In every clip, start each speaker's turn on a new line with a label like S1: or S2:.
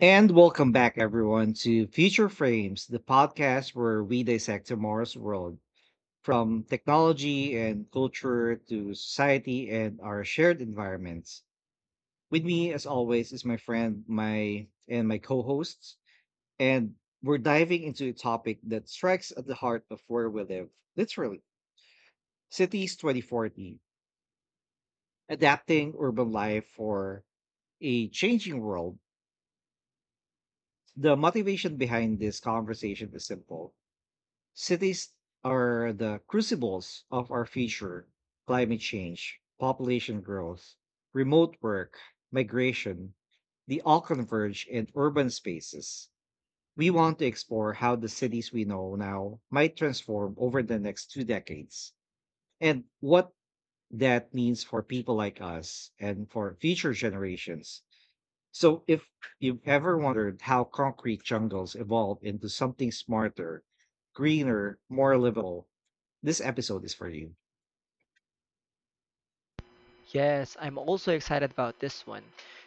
S1: And welcome back, everyone, to Future Frames, the podcast where we dissect tomorrow's world from technology and culture to society and our shared environments. With me, as always, is my co-hosts, and we're diving into a topic that strikes at the heart of where we live, literally, cities 2040, adapting urban life for a changing world. The motivation behind this conversation is simple. Cities are the crucibles of our future. Climate change, population growth, remote work, migration, they all converge in urban spaces. We want to explore how the cities we know now might transform over the next two decades and what that means for people like us and for future generations. So, if you've ever wondered how concrete jungles evolved into something smarter, greener, more livable, this episode is for you.
S2: Yes, I'm also excited about this one.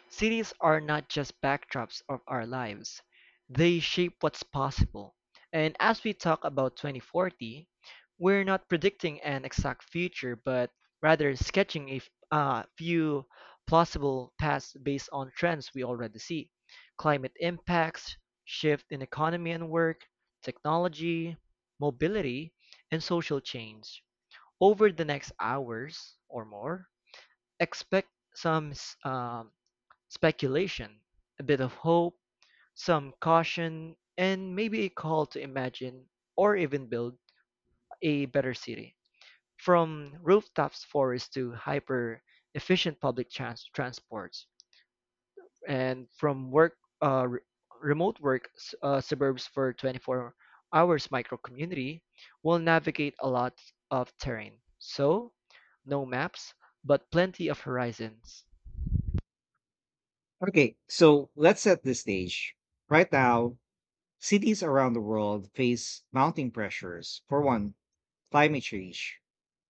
S2: Cities are not just backdrops of our lives, they shape what's possible. And as we talk about 2040, we're not predicting an exact future, but rather sketching a few plausible paths based on trends we already see: climate impacts, shift in economy and work, technology, mobility, and social change. Over the next hours or more, expect speculation, a bit of hope, some caution, and maybe a call to imagine or even build a better city. From rooftops forests to hyper efficient public transports, and from remote work suburbs for 24 hours micro community will navigate a lot of terrain. So, no maps, but plenty of horizons.
S1: Okay, so let's set the stage. Right now, cities around the world face mounting pressures. For one, climate change,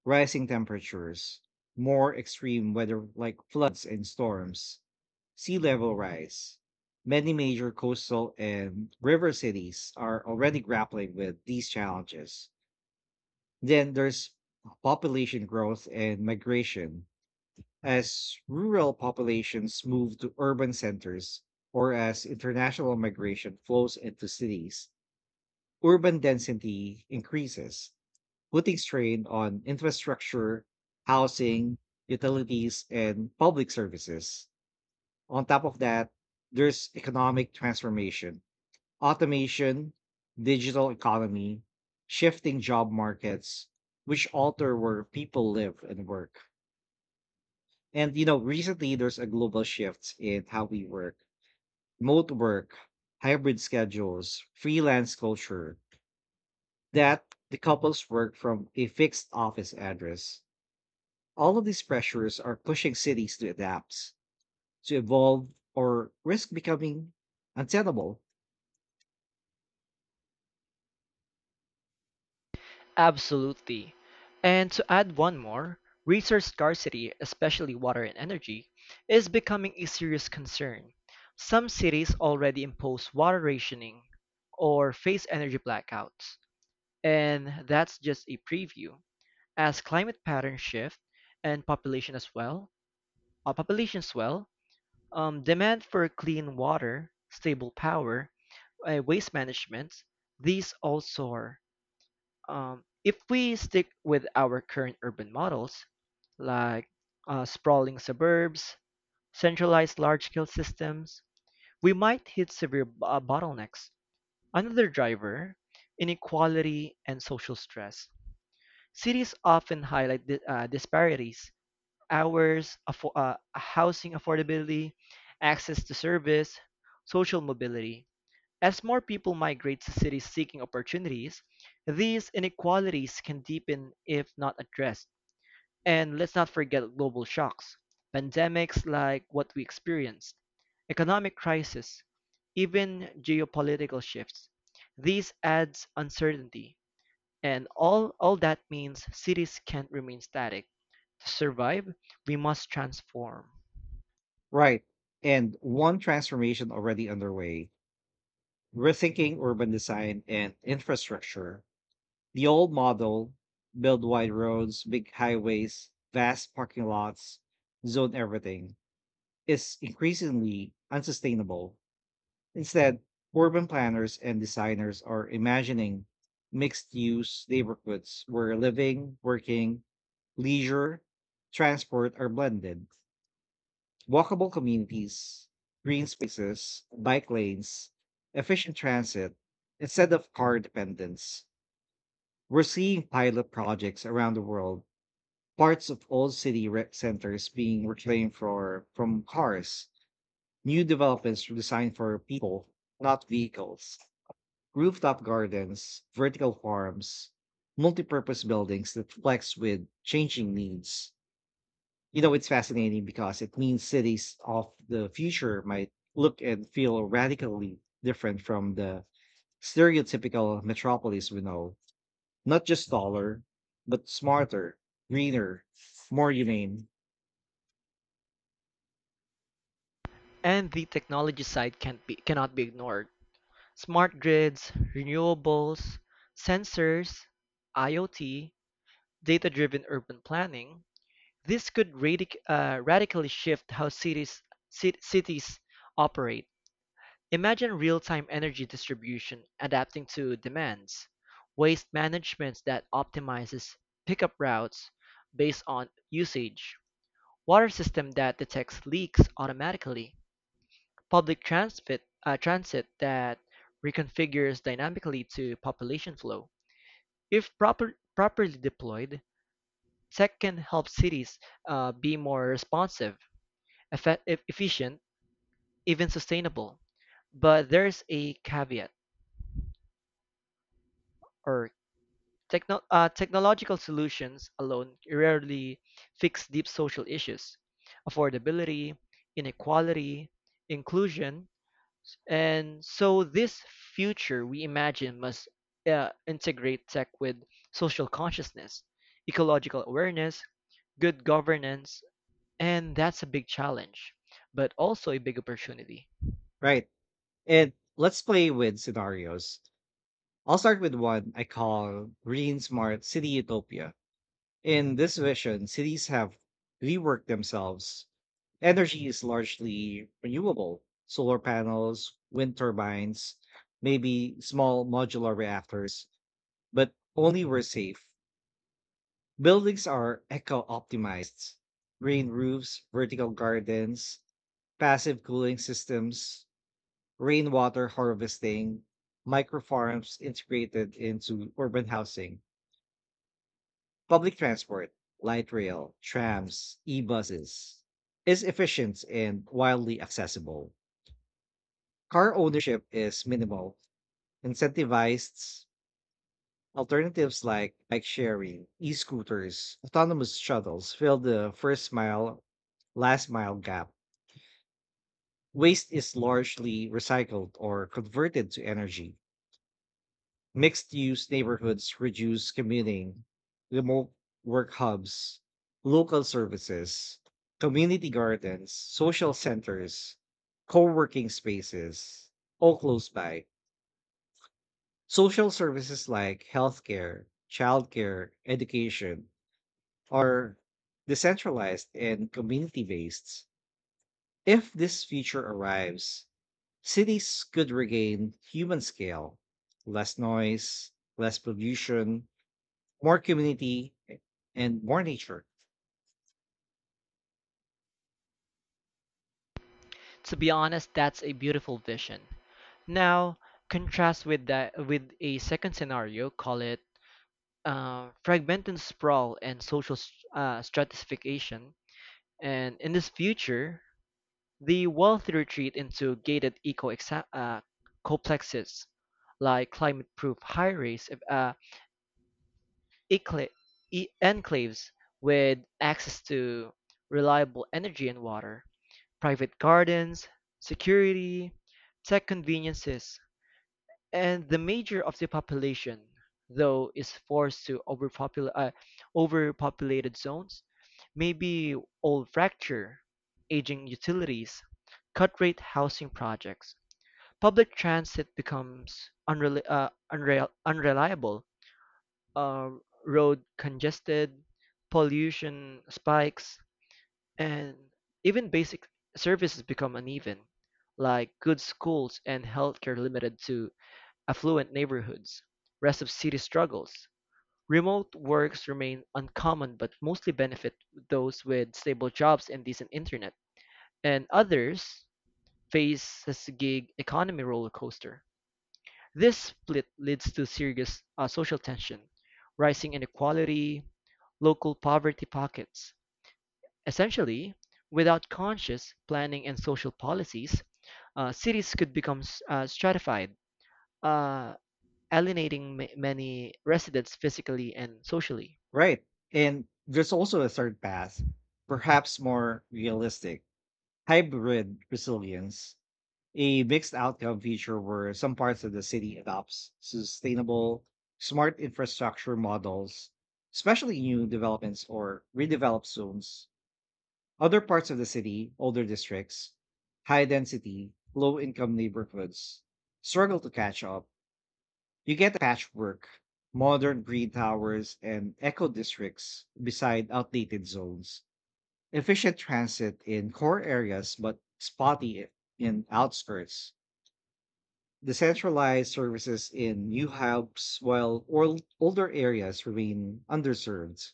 S1: rising temperatures, more extreme weather like floods and storms, sea level rise. Many major coastal and river cities are already grappling with these challenges. Then there's population growth and migration. As rural populations move to urban centers or as international migration flows into cities, urban density increases, putting strain on infrastructure, housing, utilities, and public services. On top of that, there's economic transformation, automation, digital economy, shifting job markets, which alter where people live and work. And you know, recently there's a global shift in how we work, remote work, hybrid schedules, freelance culture that decouples work from a fixed office address. All of these pressures are pushing cities to adapt, to evolve, or risk becoming untenable.
S2: Absolutely. And to add one more, resource scarcity, especially water and energy, is becoming a serious concern. Some cities already impose water rationing or face energy blackouts. And that's just a preview. As climate patterns shift and population as well, population swell, demand for clean water, stable power, waste management, these all soar. If we stick with our current urban models, like sprawling suburbs, centralized large scale systems, we might hit severe bottlenecks. Another driver: inequality and social stress. Cities often highlight disparities, hours, housing affordability, access to service, social mobility. As more people migrate to cities seeking opportunities, these inequalities can deepen if not addressed. And let's not forget global shocks, pandemics like what we experienced, economic crisis, even geopolitical shifts. These adds uncertainty, and all that means cities can't remain static. To survive, we must transform.
S1: Right. And one transformation already underway, rethinking urban design and infrastructure. The old model, build wide roads, big highways, vast parking lots, zone everything, is increasingly unsustainable. Instead, urban planners and designers are imagining mixed use neighborhoods where living, working, leisure, transport are blended. Walkable communities, green spaces, bike lanes, efficient transit, instead of car dependence. We're seeing pilot projects around the world, parts of old centers being reclaimed for, from cars, new developments designed for people, not vehicles. Rooftop gardens, vertical farms, multipurpose buildings that flex with changing needs. You know, it's fascinating because it means cities of the future might look and feel radically different from the stereotypical metropolis we know. Not just taller, but smarter, greener, more humane.
S2: And the technology side can't be, cannot be ignored. Smart grids, renewables, sensors, IoT, data-driven urban planning, this could radically shift how cities operate. Imagine real-time energy distribution adapting to demands, waste management that optimizes pickup routes based on usage, water system that detects leaks automatically, public transit that reconfigures dynamically to population flow. If properly deployed, tech can help cities be more responsive, efficient, even sustainable. But there's a caveat, or technological solutions alone rarely fix deep social issues: affordability, inequality, inclusion. And so this future we imagine must integrate tech with social consciousness, ecological awareness, good governance. And that's a big challenge, but also a big opportunity.
S1: Right. And let's play with scenarios. I'll start with one I call Green Smart City Utopia. In this vision, cities have reworked themselves. Energy is largely renewable, solar panels, wind turbines, maybe small modular reactors, but only where safe. Buildings are eco optimized, green roofs, vertical gardens, passive cooling systems, rainwater harvesting, micro farms integrated into urban housing. Public transport, light rail, trams, e-buses, is efficient and widely accessible. Car ownership is minimal. Incentivized alternatives like bike sharing, e-scooters, autonomous shuttles fill the first mile, last mile gap. Waste is largely recycled or converted to energy. Mixed use neighborhoods reduce commuting, remote work hubs, local services, community gardens, social centers, co working spaces, all close by. Social services like healthcare, childcare, education are decentralized and community based. If this future arrives, cities could regain human scale, less noise, less pollution, more community and more nature.
S2: To be honest, that's a beautiful vision. Now, contrast with that with a second scenario, call it fragmented sprawl and social stratification. And in this future, the wealthy retreat into gated complexes like climate-proof high-rise ecla- enclaves with access to reliable energy and water. Private gardens, security, tech conveniences, and the major of the population, though, is forced to overpopulated zones, maybe old fracture, aging utilities, cut-rate housing projects. Public transit becomes unreliable, uh, road congested, pollution spikes, and even basic services become uneven, like good schools and healthcare limited to affluent neighborhoods. Rest of city struggles. Remote works remain uncommon but mostly benefit those with stable jobs and decent internet. And others face this gig economy roller coaster. This split leads to serious social tension, rising inequality, local poverty pockets. Essentially, without conscious planning and social policies, cities could become stratified, uh, alienating many residents physically and socially.
S1: Right. And there's also a third path, perhaps more realistic, hybrid resilience, a mixed outcome feature where some parts of the city adopts sustainable, smart infrastructure models, especially new developments or redeveloped zones. Other parts of the city, older districts, high density, low income neighborhoods struggle to catch up. You get patchwork, modern green towers and eco districts beside outdated zones, efficient transit in core areas but spotty in outskirts, decentralized services in new hubs while older areas remain underserved.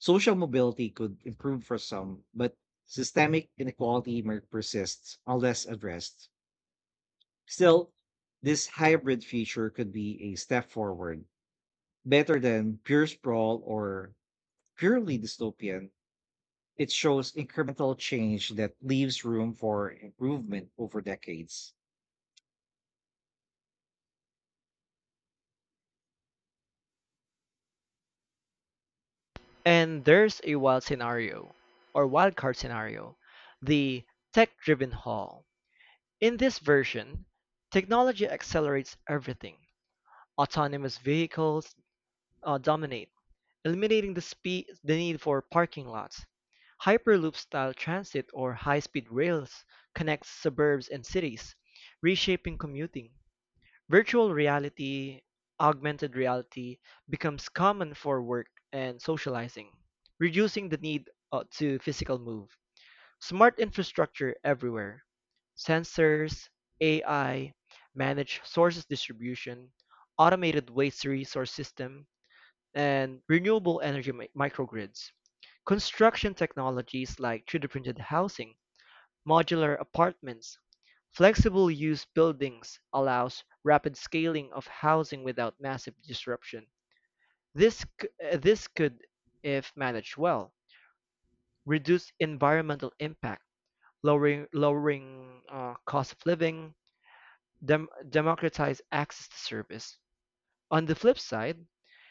S1: Social mobility could improve for some, but systemic inequality may persist unless addressed. Still, this hybrid feature could be a step forward. Better than pure sprawl or purely dystopian, it shows incremental change that leaves room for improvement over decades.
S2: And there's a wild scenario, or wildcard scenario, the tech driven haul. In this version, technology accelerates everything. Autonomous vehicles dominate, eliminating the need for parking lots. Hyperloop-style transit or high-speed rails connects suburbs and cities, reshaping commuting. Virtual reality, augmented reality becomes common for work and socializing, reducing the need to physical move. Smart infrastructure everywhere. Sensors, AI, managed sources distribution, automated waste resource system, and renewable energy microgrids. Construction technologies like 3D printed housing, modular apartments, flexible use buildings allows rapid scaling of housing without massive disruption. This could, if managed well, reduce environmental impact, lowering cost of living, democratize access to service. On the flip side,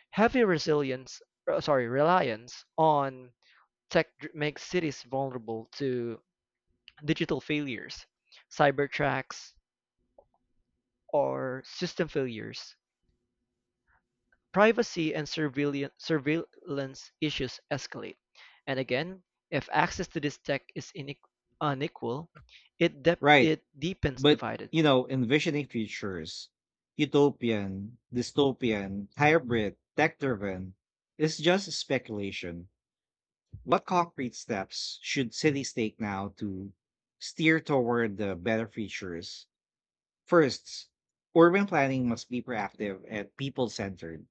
S2: heavy resilience sorry reliance on tech makes cities vulnerable to digital failures, cyber attacks, or system failures. Privacy and surveillance issues escalate, and again, if access to this tech is unequal,
S1: Right.
S2: it deepens
S1: But,
S2: divided.
S1: you know, envisioning futures, utopian, dystopian, hybrid, tech driven, is just speculation. What concrete steps should cities take now to steer toward the better futures? First, urban planning must be proactive and people centered,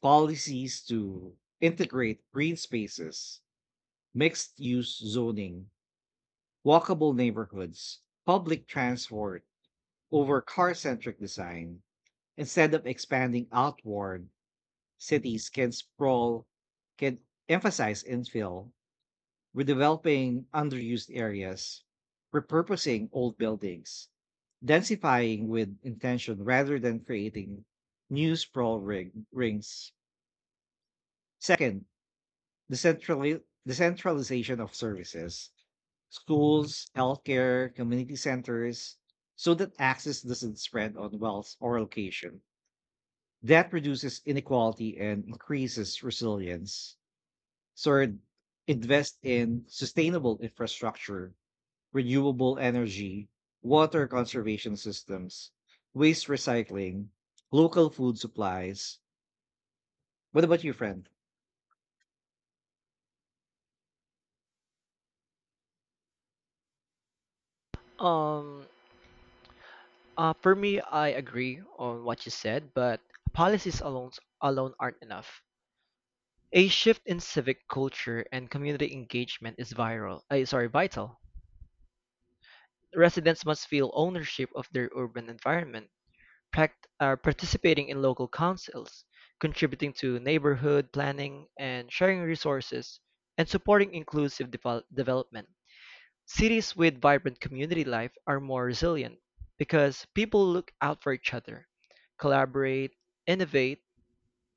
S1: policies to integrate green spaces, mixed use zoning, walkable neighborhoods, public transport over car centric design. Instead of expanding outward, cities can sprawl, can emphasize infill, redeveloping underused areas, repurposing old buildings, densifying with intention rather than creating new rings. Second, the centralization of services, schools, healthcare, community centers, so that access doesn't spread on wealth or location. That reduces inequality and increases resilience. Third, invest in sustainable infrastructure, renewable energy, water conservation systems, waste recycling, local food supplies. What about you, friend?
S2: Um, for me, I agree on what you said, but policies alone aren't enough. A shift in civic culture and community engagement is vital. Residents must feel ownership of their urban environment, participating in local councils, contributing to neighborhood planning and sharing resources, and supporting inclusive development. Cities with vibrant community life are more resilient because people look out for each other, collaborate, innovate.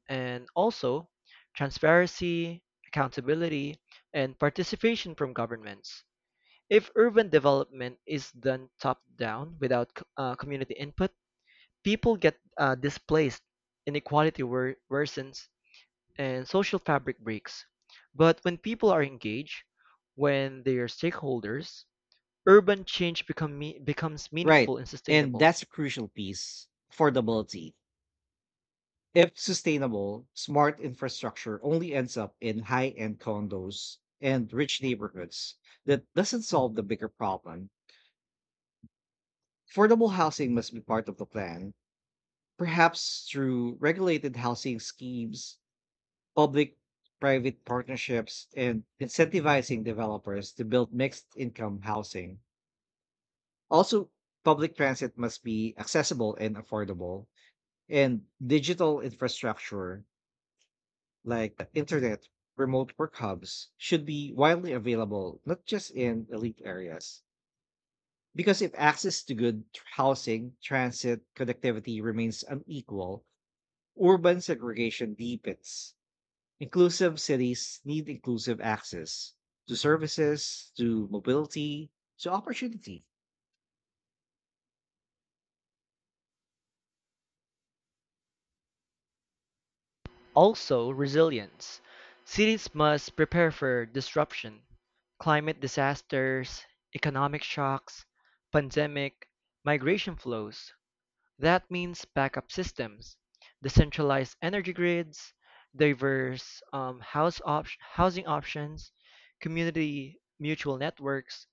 S2: And also, transparency, accountability, and participation from governments. If urban development is done top down without community input, people get displaced, inequality worsens, and social fabric breaks. But when people are engaged, when they are stakeholders, urban change becomes
S1: Right.
S2: meaningful and
S1: And
S2: sustainable.
S1: that's a crucial piece, affordability. If sustainable, smart infrastructure only ends up in high end condos and rich neighborhoods, that doesn't solve the bigger problem. Affordable housing must be part of the plan, perhaps through regulated housing schemes, public private partnerships, and incentivizing developers to build mixed income housing. Also, public transit must be accessible and affordable, and digital infrastructure like the internet, remote work hubs should be widely available, not just in elite areas. Because if access to good housing, transit, connectivity remains unequal, urban segregation deepens. Inclusive cities need inclusive access to services, to mobility, to opportunity.
S2: Also, resilience. Cities must prepare for disruption: climate disasters, economic shocks, pandemic, migration flows. That means backup systems, decentralized energy grids, diverse housing options, community mutual networks,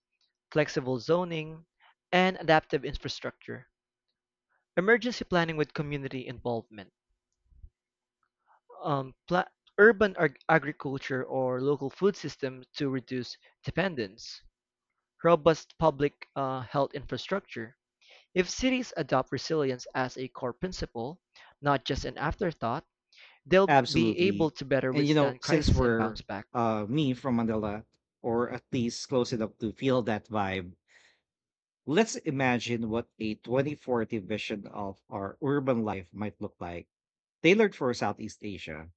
S2: flexible zoning, and adaptive infrastructure. Emergency planning with community involvement. um, pla- Urban agriculture or local food system to reduce dependence, robust public health infrastructure. If cities adopt resilience as a core principle, not just an afterthought, they'll be able
S1: Absolutely.
S2: to better
S1: And you know,
S2: withstand
S1: since
S2: crisis and
S1: we're
S2: bounce back.
S1: me from Manila, or at least close enough to feel that vibe, let's imagine what a 2040 vision of our urban life might look like, tailored for Southeast Asia.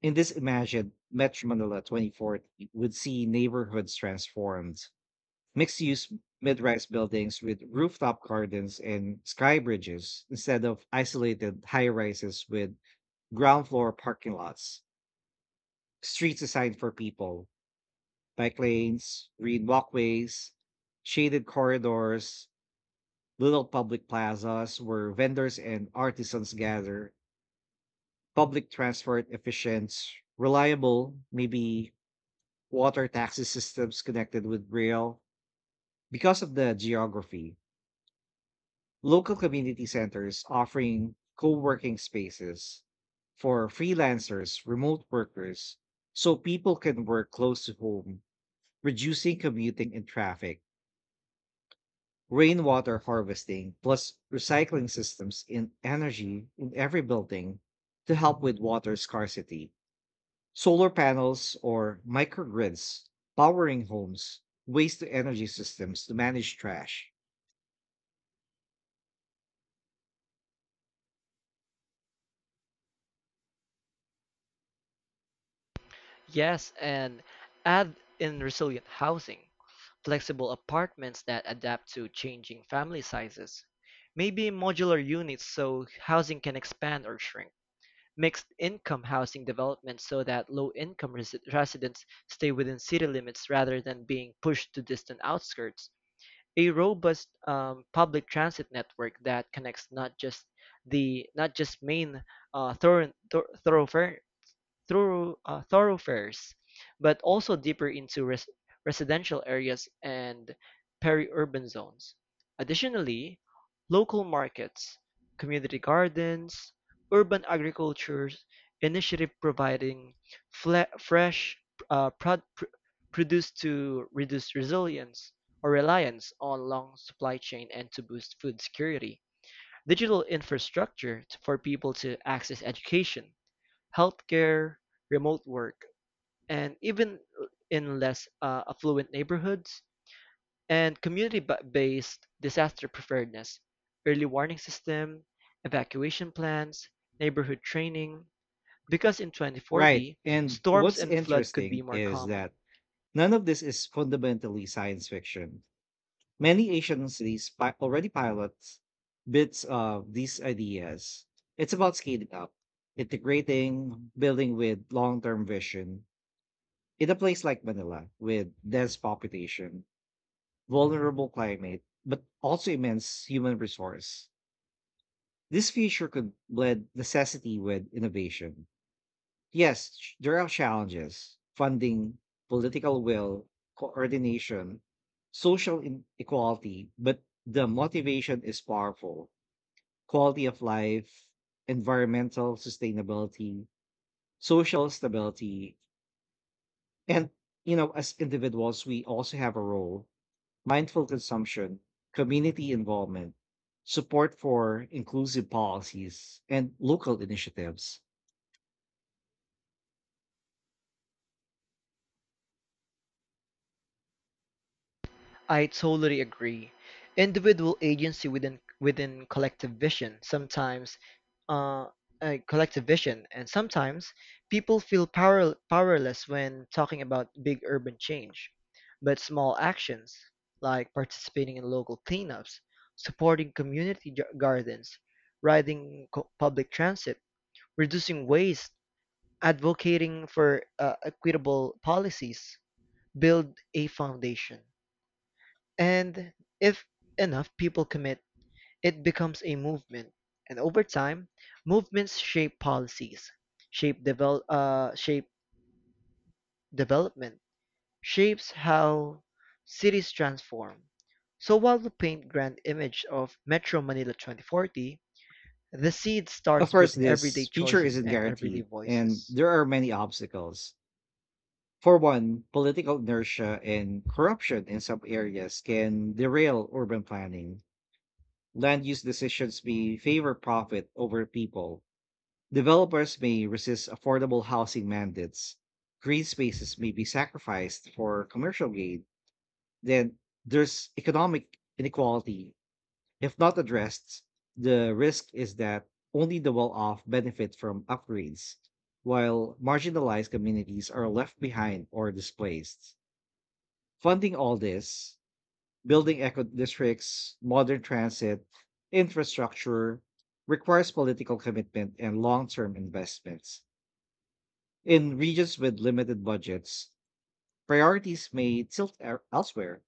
S1: In this imagined Metro Manila 2040 would see neighborhoods transformed, mixed-use mid-rise buildings with rooftop gardens and sky bridges instead of isolated high-rises with ground floor parking lots, streets designed for people, bike lanes, green walkways, shaded corridors, little public plazas where vendors and artisans gather, public transport efficient, reliable, maybe water taxi systems connected with rail. Because of the geography, local community centers offering co-working spaces for freelancers, remote workers, so people can work close to home, reducing commuting and traffic. Rainwater harvesting plus recycling systems in energy in every building to help with water scarcity, solar panels or microgrids powering homes, waste to energy systems to manage trash.
S2: Yes, and add in resilient housing, flexible apartments that adapt to changing family sizes, maybe modular units so housing can expand or shrink. Mixed-income housing developments so that low-income residents stay within city limits rather than being pushed to distant outskirts. A robust public transit network that connects not just main uh, thorough, thor- thoroughfare thoroughfares, but also deeper into residential areas and peri-urban zones. Additionally, local markets, community gardens, urban agriculture initiative providing fresh uh, prod- pr- produce to reduce resilience or reliance on long supply chain and to boost food security. Digital infrastructure for people to access education, healthcare, remote work, and even in less affluent neighborhoods, and community-based disaster preparedness, early warning system, evacuation plans, neighborhood training. Because in
S1: Right.
S2: 2040,
S1: And
S2: storms
S1: what's
S2: and flood could be
S1: interesting
S2: more
S1: is
S2: common.
S1: that none of this is fundamentally science fiction. Many Asian cities already pilot bits of these ideas. It's about scaling up, integrating, building with long term vision. In a place like Manila, with dense population, vulnerable climate, but also immense human resource, this future could blend necessity with innovation. Yes, there are challenges, funding, political will, coordination, social inequality, but the motivation is powerful. Quality of life, environmental sustainability, social stability, and you know, as individuals, we also have a role. Mindful consumption, community involvement, support for inclusive policies, and local initiatives.
S2: I totally agree. Individual agency within collective vision sometimes uh, collective vision and sometimes people feel powerless when talking about big urban change. But small actions like participating in local cleanups, supporting community gardens, riding public transit, reducing waste, advocating for equitable policies build a foundation. And if enough people commit, it becomes a movement. And over time, movements shape policies, shape development, shapes how cities transform. So while we paint grand image of Metro Manila 2040, the seed
S1: Of
S2: starts
S1: course,
S2: with everyday
S1: this feature
S2: choices
S1: isn't
S2: and everyday
S1: guaranteed, and
S2: voices.
S1: there are many obstacles. For one, political inertia and corruption in some areas can derail urban planning. Land use decisions may favor profit over people. Developers may resist affordable housing mandates. Green spaces may be sacrificed for commercial gain. Then there's economic inequality. If not addressed, the risk is that only the well off benefit from upgrades, while marginalized communities are left behind or displaced. Funding all this, building eco districts, modern transit, infrastructure, requires political commitment and long term investments. In regions with limited budgets, priorities may tilt elsewhere.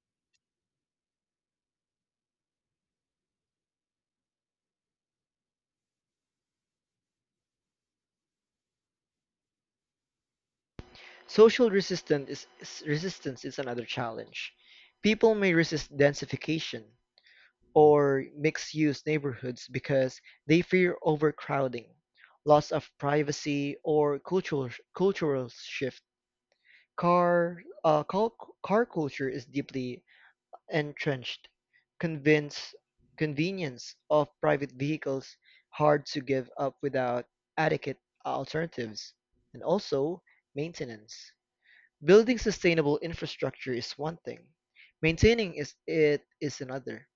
S2: Social resistance is another challenge. People may resist densification, or mixed-use neighborhoods because they fear overcrowding, loss of privacy, or cultural shift. Car uh, car, Car culture is deeply entrenched. Convince Convenience of private vehicles hard to give up without adequate alternatives, and also maintenance. Building sustainable infrastructure is one thing. Maintaining is it is another.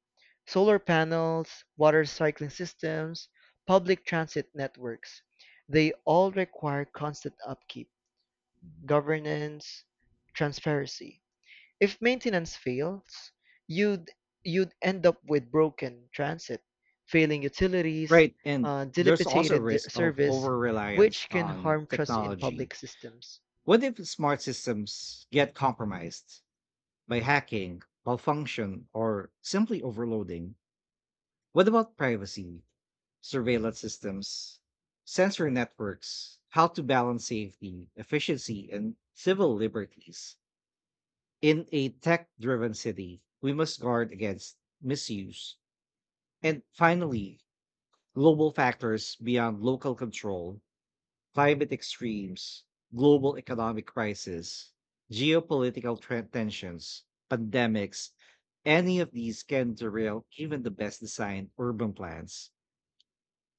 S2: Solar panels, water cycling systems, public transit networks, they all require constant upkeep, governance, transparency. If maintenance fails, you'd you'd end up with broken transit, failing utilities,
S1: Right. And there's also a
S2: dilapidated
S1: risk of
S2: service,
S1: over reliance
S2: which can
S1: on
S2: harm trust in
S1: technology.
S2: public systems.
S1: What if smart systems get compromised by hacking, malfunction, or simply overloading? What about privacy, surveillance systems, sensor networks, how to balance safety, efficiency, and civil liberties? In a tech driven city, we must guard against misuse. And finally, global factors beyond local control, climate extremes, global economic crisis, geopolitical tensions, pandemics, any of these can derail even the best designed urban plans.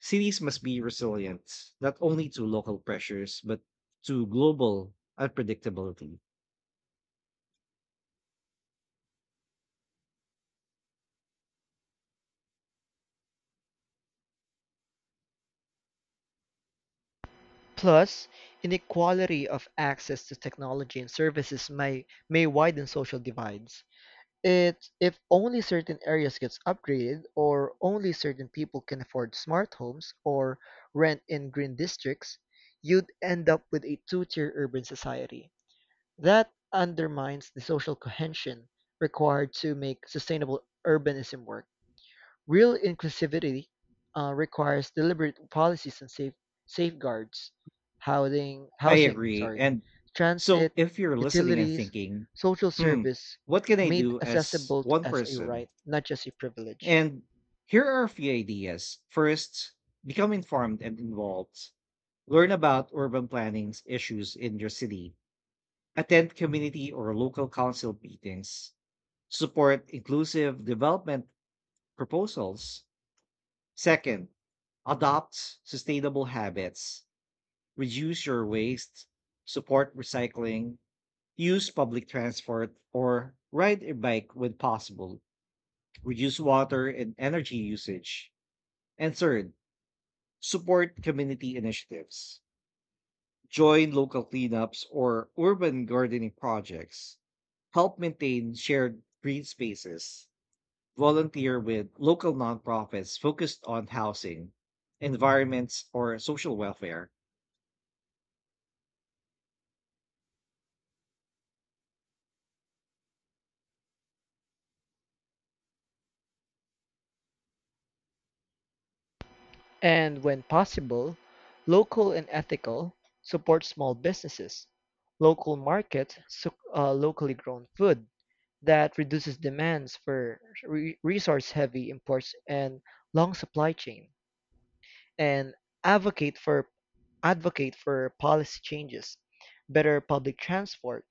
S1: Cities must be resilient, not only to local pressures, but to global unpredictability.
S2: Plus, inequality of access to technology and services may widen social divides. It's if only certain areas gets upgraded or only certain people can afford smart homes or rent in green districts, you'd end up with a two-tier urban society. That undermines the social cohesion required to make sustainable urbanism work. Real inclusivity requires deliberate policies and safeguards, housing,
S1: I
S2: housing,
S1: agree.
S2: sorry,
S1: And
S2: transit,
S1: so if you're listening and
S2: utilities,
S1: thinking,
S2: social
S1: hmm,
S2: service,
S1: what can I
S2: made
S1: do as
S2: accessible
S1: one
S2: as a right,
S1: person?
S2: not just a privilege.
S1: And here are a few ideas. First, become informed and involved. Learn about urban planning issues in your city. Attend community or local council meetings. Support inclusive development proposals. Second, adopt sustainable habits. Reduce your waste. Support recycling. Use public transport or ride a bike when possible. Reduce water and energy usage. And third, support community initiatives. Join local cleanups or urban gardening projects. Help maintain shared green spaces. Volunteer with local nonprofits focused on housing, environments, or social welfare.
S2: And when possible, local and ethical, support small businesses, local markets, so, locally grown food that reduces demands for resource-heavy imports and long supply chain, and advocate for advocate for policy changes, better public transport,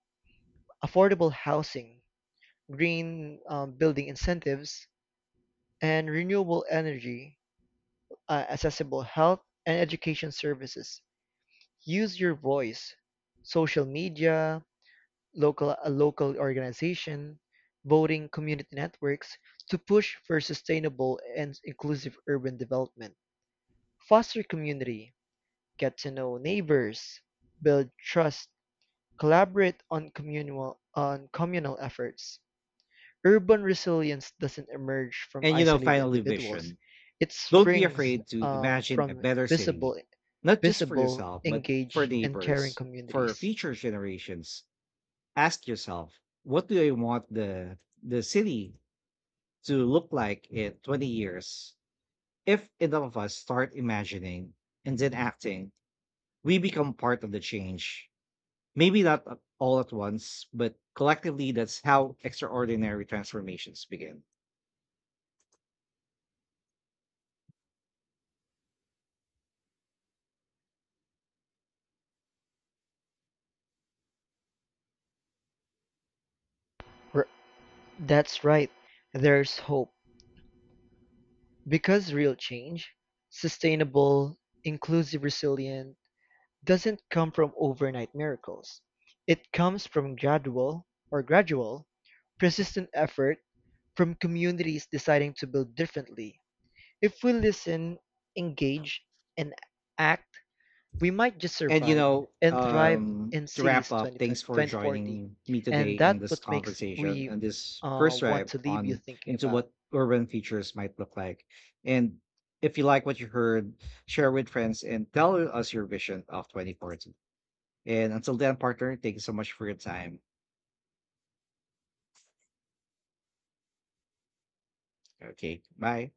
S2: affordable housing, green building incentives, and renewable energy, accessible health and education services. Use your voice, social media, local organization, voting community networks to push for sustainable and inclusive urban development. Foster community. Get to know neighbors. Build trust. Collaborate on communal efforts. Urban resilience doesn't emerge from
S1: And, you know,
S2: isolated
S1: finally,
S2: individuals.
S1: vision.
S2: It
S1: Don't be
S2: springs
S1: afraid to imagine a
S2: from
S1: better
S2: visible,
S1: city, not just for
S2: visible,
S1: yourself, but for
S2: engaged, and caring
S1: neighbors, for
S2: communities.
S1: future generations. Ask yourself, what do I want the city to look like in 20 years? If enough of us start imagining and then acting, we become part of the change. Maybe not all at once, but collectively, that's how extraordinary transformations begin.
S2: R- That's right. There's hope because real change, sustainable, inclusive, resilient, doesn't come from overnight miracles; it comes from gradual, persistent effort, from communities deciding to build differently. If we listen, engage, and act, we might just
S1: And you
S2: survive
S1: know,
S2: and thrive in
S1: to wrap
S2: cities
S1: up, thanks
S2: 2020,
S1: for
S2: 2040.
S1: joining me today
S2: And
S1: in
S2: that's
S1: this
S2: what makes
S1: conversation
S2: we
S1: and this first
S2: want
S1: drive
S2: to leave you
S1: on
S2: thinking
S1: into
S2: about.
S1: what urban features might look like. And if you like what you heard, share with friends and tell us your vision of 2040. And until then, partner, thank you so much for your time. Okay, bye.